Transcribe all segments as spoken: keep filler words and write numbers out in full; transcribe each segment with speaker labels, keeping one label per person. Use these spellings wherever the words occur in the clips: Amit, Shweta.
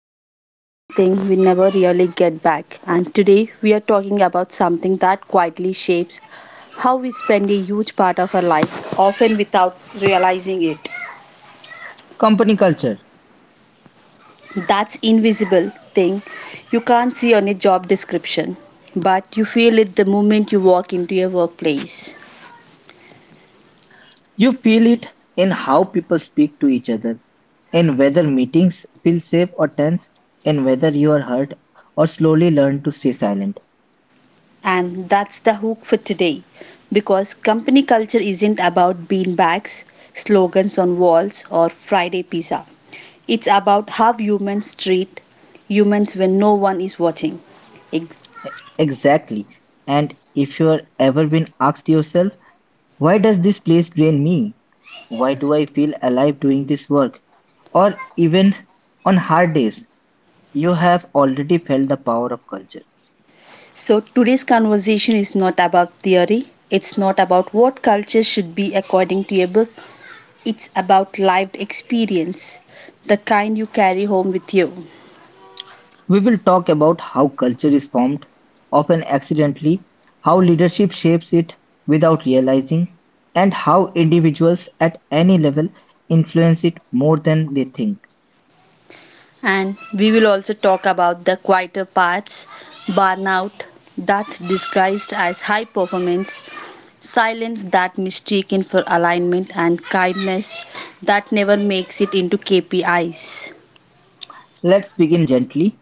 Speaker 1: is the one thing we never really get back. And today we are talking about something that quietly shapes how we spend a huge part of our lives, often without realizing it.
Speaker 2: Company culture.
Speaker 1: That's invisible thing you can't see on a job description, but you feel it the moment you walk into a workplace.
Speaker 2: You feel it in how people speak to each other, in whether meetings feel safe or tense, in whether you are hurt or slowly learn to stay silent.
Speaker 1: And that's the hook for today. Because company culture isn't about beanbags, slogans on walls, or Friday pizza. It's about how humans treat humans when no one is watching. Ex-
Speaker 2: Exactly. And if you're ever been asked yourself, why does this place drain me? Why do I feel alive doing this work? Or even on hard days, you have already felt the power of culture.
Speaker 1: So today's conversation is not about theory, it's not about what culture should be according to a book, it's about lived experience, the kind you carry home with you.
Speaker 2: We will talk about how culture is formed, often accidentally, how leadership shapes it without realizing, and how individuals at any level influence it more than they think.
Speaker 1: And we will also talk about the quieter parts, burnout that's disguised as high performance, silence that mistaken for alignment, and kindness that never makes it into K P Is.
Speaker 2: Let's begin gently.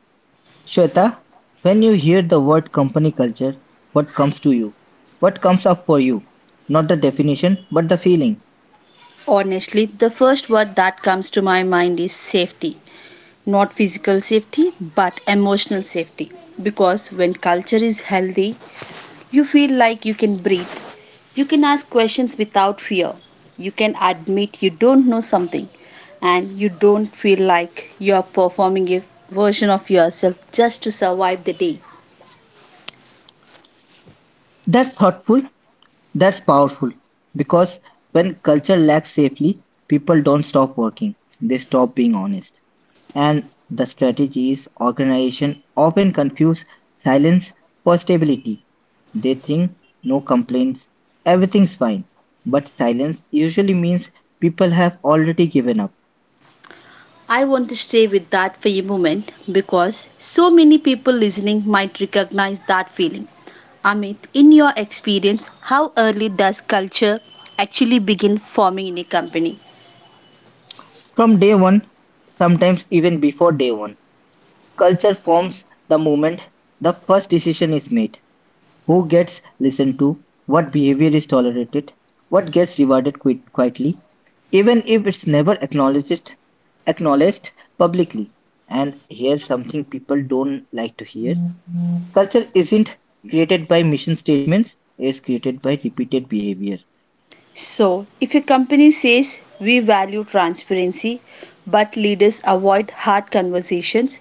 Speaker 2: Shweta, when you hear the word company culture, what comes to you? What comes up for you? Not the definition, but the feeling.
Speaker 1: Honestly, the first word that comes to my mind is safety. Not physical safety, but emotional safety. Because when culture is healthy, you feel like you can breathe, you can ask questions without fear. You can admit you don't know something and you don't feel like you are performing a version of yourself just to survive the day.
Speaker 2: That's thoughtful, that's powerful. Because when culture lacks safely, people don't stop working, they stop being honest. And the strategies organization often confuse silence for stability. They think no complaints, everything's fine. But silence usually means people have already given up.
Speaker 1: I want to stay with that for a moment because so many people listening might recognize that feeling. Amit, in your experience, how early does culture actually begin forming in a company?
Speaker 2: From day one, sometimes even before day one, culture forms the moment the first decision is made. Who gets listened to, what behavior is tolerated, what gets rewarded qui- quietly, even if it's never acknowledged acknowledged publicly. And here's something people don't like to hear. Culture isn't created by mission statements, it's created by repeated behavior.
Speaker 1: So, if a company says we value transparency but leaders avoid hard conversations,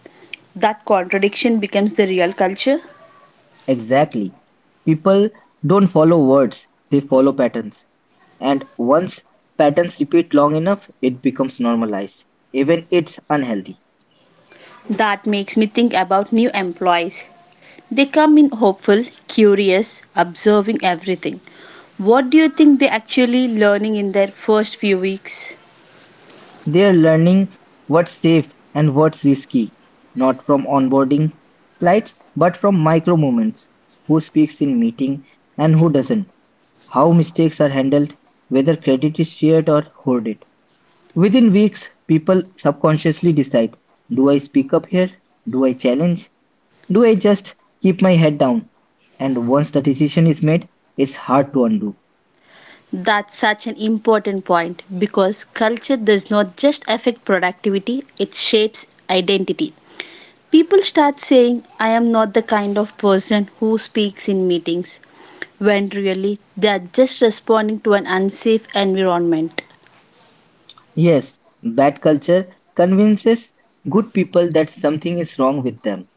Speaker 1: that contradiction becomes the real culture.
Speaker 2: Exactly. People don't follow words, they follow patterns. And once patterns repeat long enough, it becomes normalized, even it's unhealthy.
Speaker 1: That makes me think about new employees. They come in hopeful, curious, observing everything. What do you think they actually learning in their first few weeks?
Speaker 2: They're learning what's safe and what's risky, not from onboarding slides, but from micro moments. Who speaks in meeting and who doesn't, how mistakes are handled, whether credit is shared or hoarded. Within weeks, people subconsciously decide, do I speak up here? Do I challenge? Do I just keep my head down? And once the decision is made, it's hard to undo.
Speaker 1: That's such an important point because culture does not just affect productivity, it shapes identity. People start saying, I am not the kind of person who speaks in meetings, when really they are just responding to an unsafe environment.
Speaker 2: Yes, bad culture convinces good people that something is wrong with them.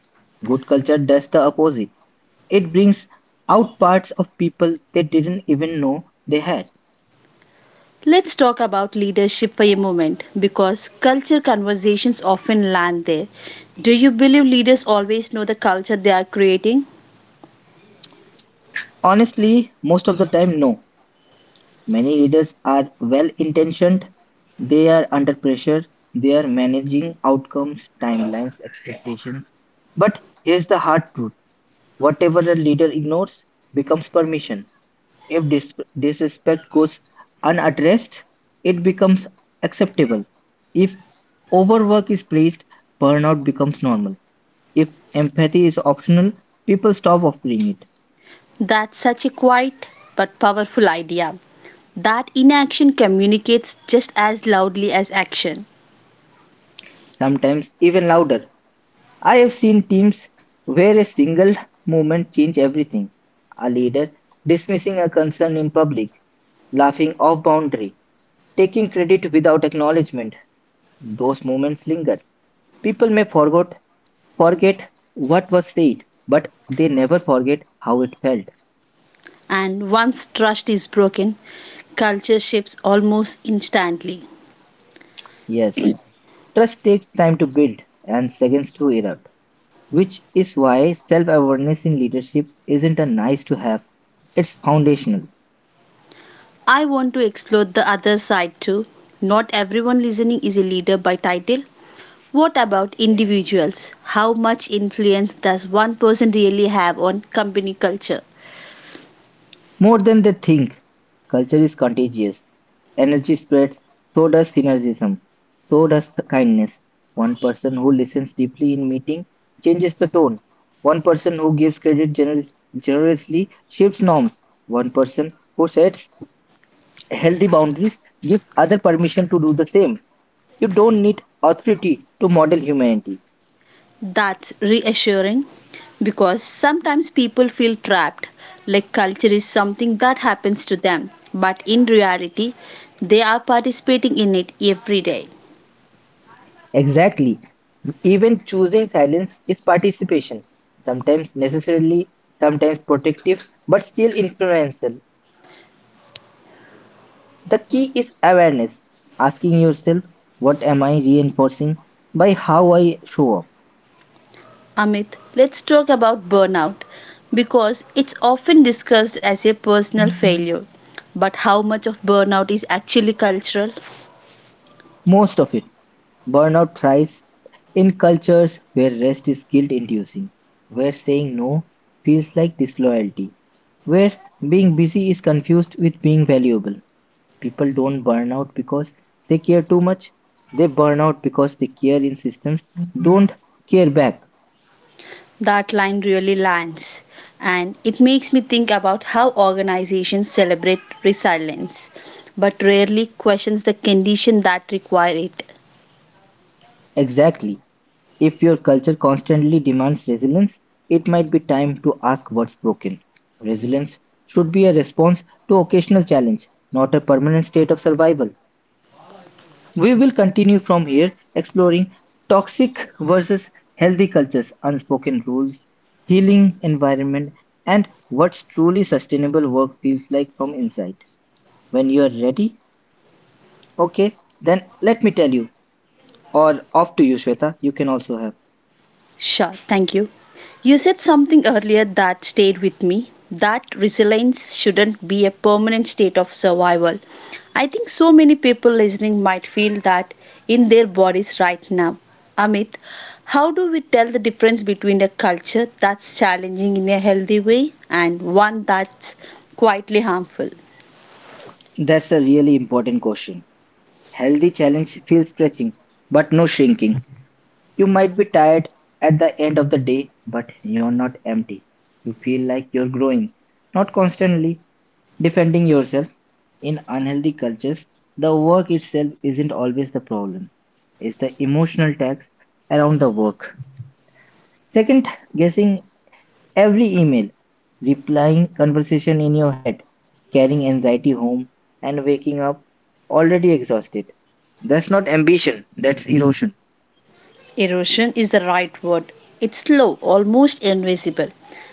Speaker 2: Good culture does the opposite. It brings out parts of people they didn't even know they had.
Speaker 1: Let's talk about leadership for a moment because culture conversations often land there. Do you believe leaders always know the culture they are creating?
Speaker 2: Honestly, most of the time, no. Many leaders are well intentioned, they are under pressure, they are managing outcomes, timelines, et cetera. But here's the hard truth: whatever a leader ignores becomes permission. If dis- disrespect goes unaddressed, it becomes acceptable. If overwork is praised, burnout becomes normal. If empathy is optional, people stop offering it,
Speaker 1: That's such a quiet but powerful idea. That inaction communicates just as loudly as action.
Speaker 2: sometimes even louder. I have seen teams where a single movement changed everything. A leader dismissing a concern in public, laughing off boundary, taking credit without acknowledgement. Those moments linger. People may forget forget what was said, but they never forget how it felt.
Speaker 1: And once trust is broken, culture shifts almost instantly.
Speaker 2: Yes, trust takes time to build and seconds to erupt, which is why self awareness in leadership isn't a nice to have, it's foundational.
Speaker 1: I want to explore the other side too. Not everyone listening is a leader by title. What about individuals? How much influence does one person really have on company culture?
Speaker 2: More than they think. Culture is contagious. Energy spreads, so does synergism, so does kindness. One person who listens deeply in meeting changes the tone. One person who gives credit generous, generously shifts norms. One person who sets healthy boundaries gives other permission to do the same. You don't need authority to model humanity.
Speaker 1: That's reassuring because sometimes people feel trapped, like culture is something that happens to them, but in reality, they are participating in it every day.
Speaker 2: Exactly. Even choosing silence is participation, sometimes necessarily, sometimes protective, but still influential. The key is awareness, asking yourself, what am I reinforcing by how I show up?
Speaker 1: Amit, let's talk about burnout because it's often discussed as a personal failure. But how much of burnout is actually cultural?
Speaker 2: Most of it. Burnout thrives in cultures where rest is guilt inducing, where saying no feels like disloyalty, where being busy is confused with being valuable. People don't burn out because they care too much. They burn out because they care in systems don't care back.
Speaker 1: That line really lands. And it makes me think about how organizations celebrate resilience but rarely questions the condition that require it.
Speaker 2: Exactly. If your culture constantly demands resilience, it might be time to ask what's broken. Resilience should be a response to occasional challenge, not a permanent state of survival. We will continue from here exploring toxic versus healthy cultures, unspoken rules, healing environment, and what truly sustainable work feels like from inside. When you're ready? Okay, then let me tell you. Or off to you, Shweta. You can also have.
Speaker 1: Sure, thank you. You said something earlier that stayed with me, that resilience shouldn't be a permanent state of survival. I think so many people listening might feel that in their bodies right now. Amit, how do we tell the difference between a culture that's challenging in a healthy way and one that's quietly harmful?
Speaker 2: That's a really important question. Healthy challenge feels stretching, but no shrinking. You might be tired at the end of the day, but you're not empty. You feel like you're growing, not constantly defending yourself. In unhealthy cultures, the work itself isn't always the problem. It's the emotional tax around the work. Second guessing every email, replying conversation in your head, carrying anxiety home and waking up already exhausted. That's not ambition, that's erosion.
Speaker 1: Erosion is the right word. It's slow, almost invisible.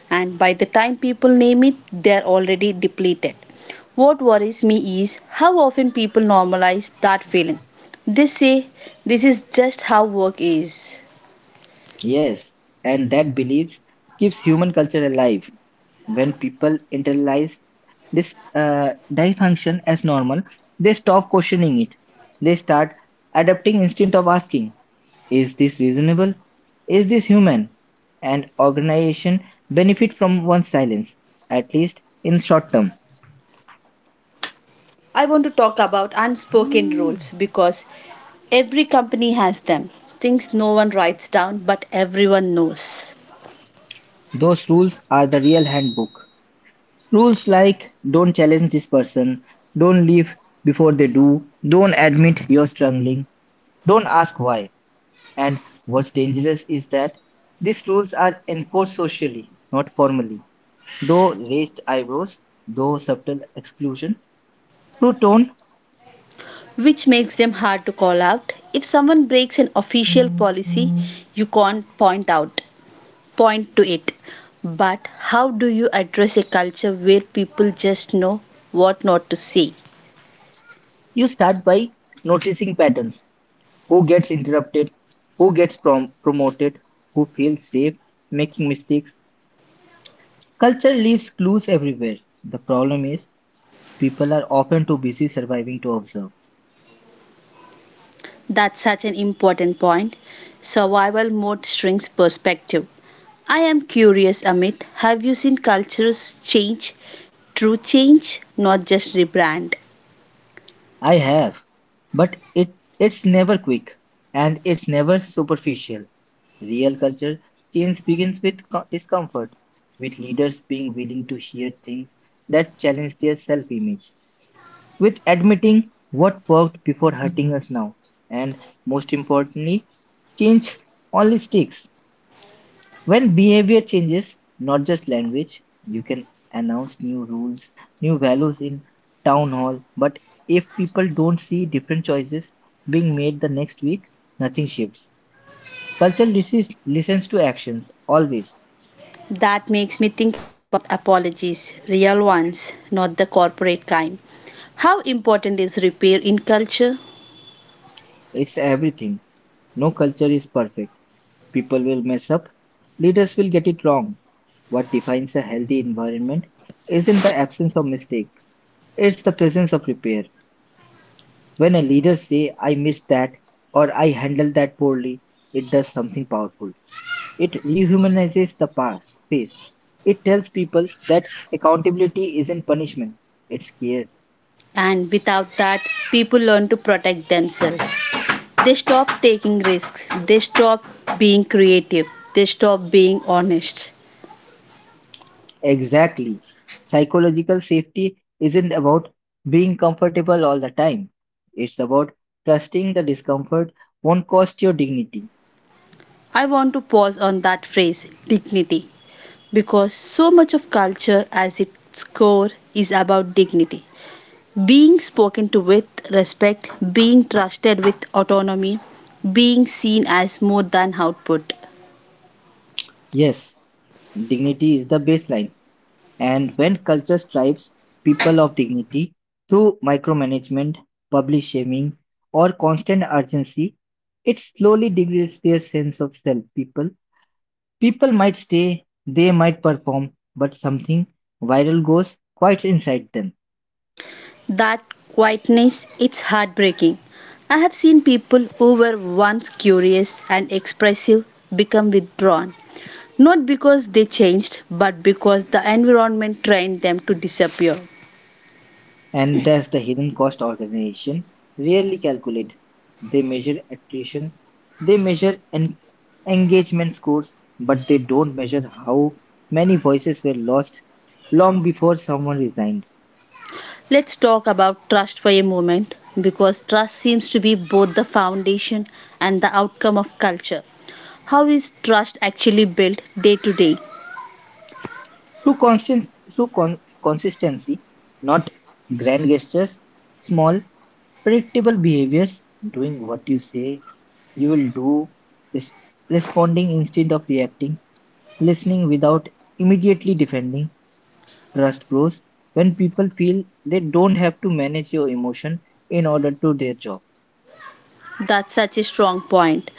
Speaker 1: And by the time people name it, they're already depleted. What worries me is how often people normalize that feeling. They say this is just how work is.
Speaker 2: Yes, and that beliefs keeps human culture alive. When people internalize this uh, dysfunction as normal, they stop questioning it. They start adapting instead of asking, is this reasonable? Is this human? And organization benefit from one's silence, at least in short term.
Speaker 1: I want to talk about unspoken rules because every company has them. Things no one writes down but everyone knows,
Speaker 2: Those rules are the real handbook. Rules like don't challenge this person, don't leave before they do, don't admit you're struggling, don't ask why. And what's dangerous is that these rules are enforced socially, not formally. Though raised eyebrows, though subtle exclusion, through tone.
Speaker 1: which makes them hard to call out. If someone breaks an official policy, you can't point out. Point to it. But how do you address a culture where people just know what not to say?
Speaker 2: You start by noticing patterns. Who gets interrupted? Who gets prom- promoted? Who feels safe making mistakes? Culture leaves clues everywhere. The problem is people are often too busy surviving to observe.
Speaker 1: That's such an important point. Survival mode shrinks perspective. I am curious, Amit, have you seen cultures change, true change, not just rebrand?
Speaker 2: I have, but it it's never quick and it's never superficial. Real culture change begins with co- discomfort, with leaders being willing to hear things that challenge their self image, with admitting what worked before hurting us now, and most importantly, change only sticks. When behavior changes, not just language, you can announce new rules, new values in town hall, but if people don't see different choices being made the next week, nothing shifts. Culture listens, listens to actions always.
Speaker 1: That makes me think about apologies, real ones, not the corporate kind. How important is repair in culture?
Speaker 2: It's everything. No culture is perfect. People will mess up. Leaders will get it wrong. What defines a healthy environment isn't the absence of mistake, it's the presence of repair. When a leader say I missed that or I handled that poorly, it does something powerful. It rehumanizes the past space. It tells people that accountability isn't punishment, it's care.
Speaker 1: And without that, people learn to protect themselves. They stop taking risks, they stop being creative, they stop being honest.
Speaker 2: Exactly. Psychological safety isn't about being comfortable all the time. It's about trusting the discomfort won't cost your dignity.
Speaker 1: I want to pause on that phrase, dignity, because so much of culture as its core is about dignity. Being spoken to with respect, being trusted with autonomy, being seen as more than output.
Speaker 2: Yes, dignity is the baseline. And when culture strips people of dignity through micromanagement, public shaming, or constant urgency, it slowly degrades their sense of self. People, people might stay, they might perform, but something viral goes quite inside them.
Speaker 1: That quietness, it's heartbreaking. I have seen people who were once curious and expressive become withdrawn, not because they changed, but because the environment trained them to disappear.
Speaker 2: And that's the hidden cost organization rarely calculate. They measure attrition, they measure en- engagement scores, but they don't measure how many voices were lost long before someone resigned.
Speaker 1: Let's talk about trust for a moment, because trust seems to be both the foundation and the outcome of culture. How is trust actually built day to day?
Speaker 2: Through constant, through con- consistency, not grand gestures, small, predictable behaviors, doing what you say you will do, res- responding instead of reacting, listening without immediately defending. Trust grows when people feel they don't have to manage your emotion in order to their job.
Speaker 1: That's such a strong point.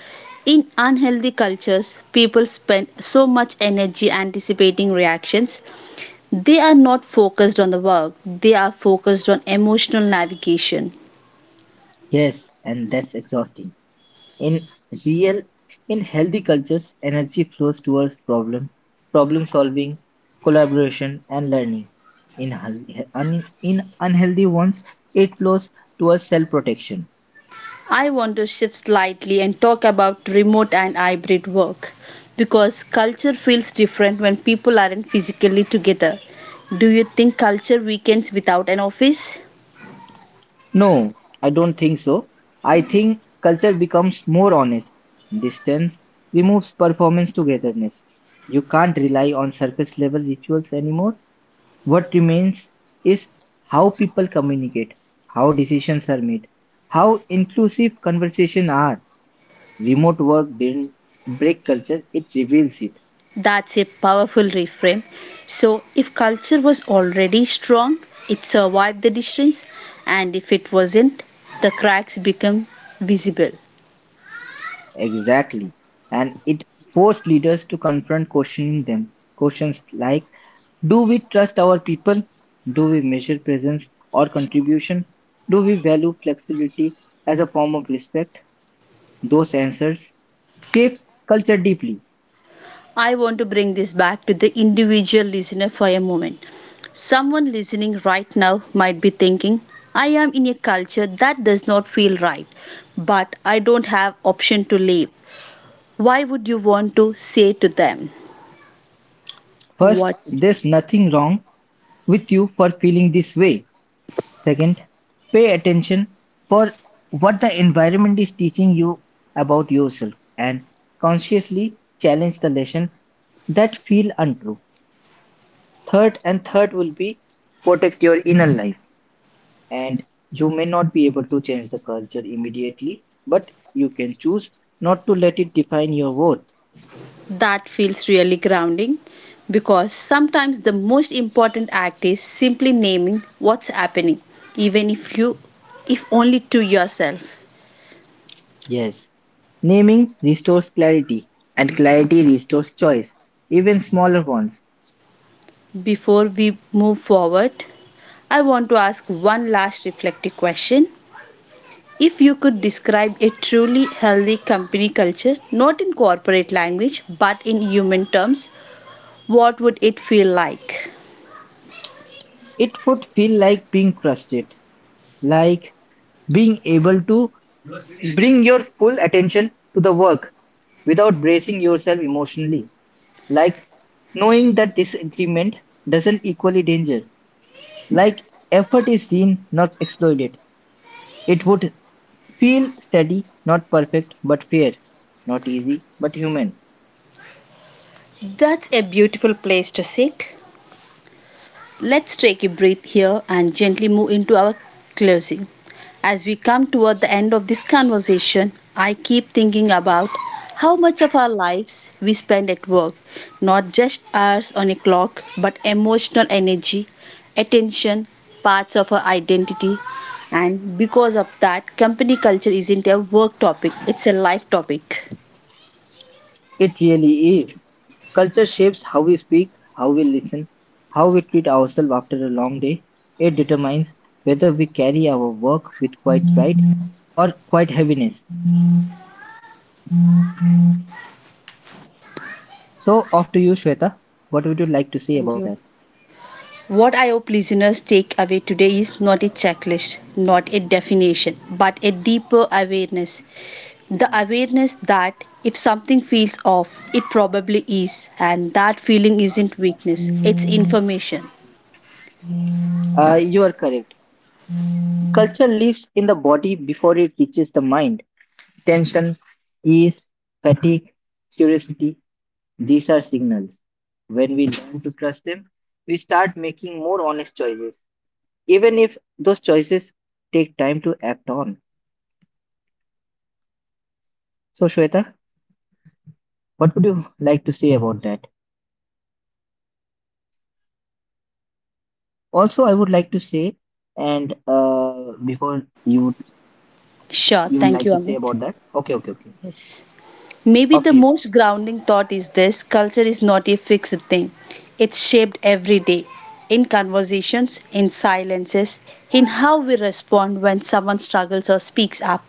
Speaker 1: In unhealthy cultures, people spend so much energy anticipating reactions. They are not focused on the work, they are focused on emotional navigation.
Speaker 2: Yes, and that's exhausting. In real, in healthy cultures, energy flows towards problem, problem solving, collaboration, and learning. In, healthy- un- in unhealthy ones, it flows towards self protection.
Speaker 1: I want to shift slightly and talk about remote and hybrid work because culture feels different when people aren't physically together. Do you think culture weakens without an office?
Speaker 2: No, I don't think so. I think culture becomes more honest. Distance removes performance togetherness. You can't rely on surface level rituals anymore. What remains is how people communicate, how decisions are made, how inclusive conversations are. Remote work didn't break culture, it reveals it.
Speaker 1: That's a powerful reframe. So, if culture was already strong, it survived the distance, and if it wasn't, the cracks become visible.
Speaker 2: Exactly. And it forced leaders to confront questioning them. Questions like, do we trust our people? Do we measure presence or contribution? Do we value flexibility as a form of respect? Those answers shape culture deeply.
Speaker 1: I want to bring this back to the individual listener for a moment. Someone listening right now might be thinking, I am in a culture that does not feel right, but I don't have option to leave. Why would you want to say to them?
Speaker 2: First,
Speaker 1: What
Speaker 2: there's nothing wrong with you for feeling this way. Second, pay attention for what the environment is teaching you about yourself and consciously challenge the lesson that feel untrue. Third and third will be protect your inner life. And you may not be able to change the culture immediately, but you can choose not to let it define your worth.
Speaker 1: that feels really grounding because sometimes the most important act is simply naming what's happening, even if you if only to yourself.
Speaker 2: Yes, naming restores clarity, and clarity restores choice, even smaller ones.
Speaker 1: Before we move forward, I want to ask one last reflective question. If you could describe a truly healthy company culture, not in corporate language but in human terms, what would it feel like?
Speaker 2: It would feel like being trusted, like being able to bring your full attention to the work without bracing yourself emotionally, like knowing that disagreement doesn't equally danger, like effort is seen, not exploited. It would feel steady, not perfect, but fair. Not easy, but human.
Speaker 1: That's a beautiful place to sit. Let's take a breath here and gently move into our closing. As we come toward the end of this conversation, I keep thinking about how much of our lives we spend at work, not just hours on a clock, but emotional energy, attention, parts of our identity. And because of that, company culture isn't a work topic, it's a life topic.
Speaker 2: It really is. Culture shapes how we speak, how we listen, how we treat ourselves after a long day. It determines whether we carry our work with quite pride or quite heaviness. So, off to you, Shweta. What would you like to say
Speaker 1: Thank
Speaker 2: about
Speaker 1: you.
Speaker 2: that?
Speaker 1: What I hope listeners take away today is not a checklist, not a definition, but a deeper awareness. The awareness that if something feels off, it probably is, and that feeling isn't weakness, it's information.
Speaker 2: Uh, you are correct. Culture lives in the body before it reaches the mind. Tension, ease, fatigue, curiosity. These are signals. When we learn to trust them, we start making more honest choices, even if those choices take time to act on. So, Shweta, what would you like to say about that? Also, I would like to say, and uh, before you
Speaker 1: Sure,
Speaker 2: you would
Speaker 1: thank
Speaker 2: like
Speaker 1: you,
Speaker 2: to say
Speaker 1: Amit.
Speaker 2: about that? Okay, okay, okay.
Speaker 1: Yes. Maybe the
Speaker 2: After you.
Speaker 1: most grounding thought is this: culture is not a fixed thing, it's shaped every day in conversations, in silences, in how we respond when someone struggles or speaks up.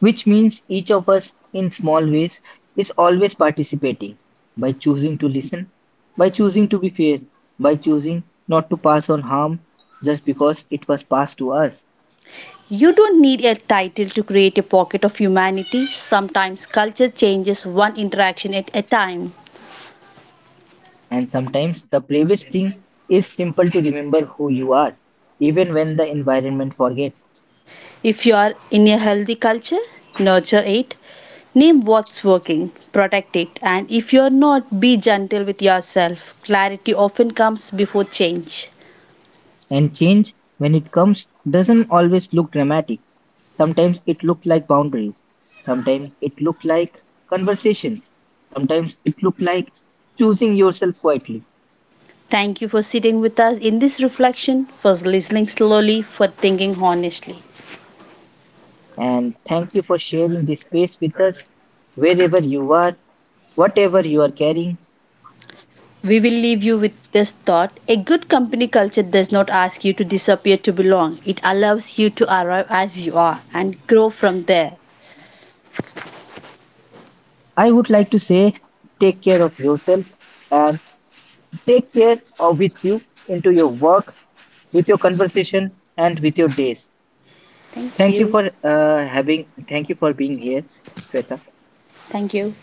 Speaker 2: Which means each of us, in small ways, is always participating by choosing to listen, by choosing to be fair, by choosing not to pass on harm just because it was passed to us.
Speaker 1: You don't need a title to create a pocket of humanity. Sometimes culture changes one interaction at a time.
Speaker 2: And sometimes the bravest thing is simple to remember who you are, even when the environment forgets.
Speaker 1: If you are in a healthy culture, nurture it. Name what's working, protect it, and if you're not, be gentle with yourself. Clarity often comes before change.
Speaker 2: And change, when it comes, doesn't always look dramatic. Sometimes it looks like boundaries. Sometimes it looks like conversations. Sometimes it looks like choosing yourself quietly.
Speaker 1: Thank you for sitting with us in this reflection, for listening slowly, for thinking honestly.
Speaker 2: And thank you for sharing this space with us, wherever you are, whatever you are carrying.
Speaker 1: We will leave you with this thought. A good company culture does not ask you to disappear to belong. It allows you to arrive as you are and grow from there.
Speaker 2: I would like to say, take care of yourself and take care of with you into your work, with your conversation, and with your days.
Speaker 1: Thank
Speaker 2: Thank you
Speaker 1: you.
Speaker 2: for uh, having. Thank you for being here, Shweta.
Speaker 1: Thank you.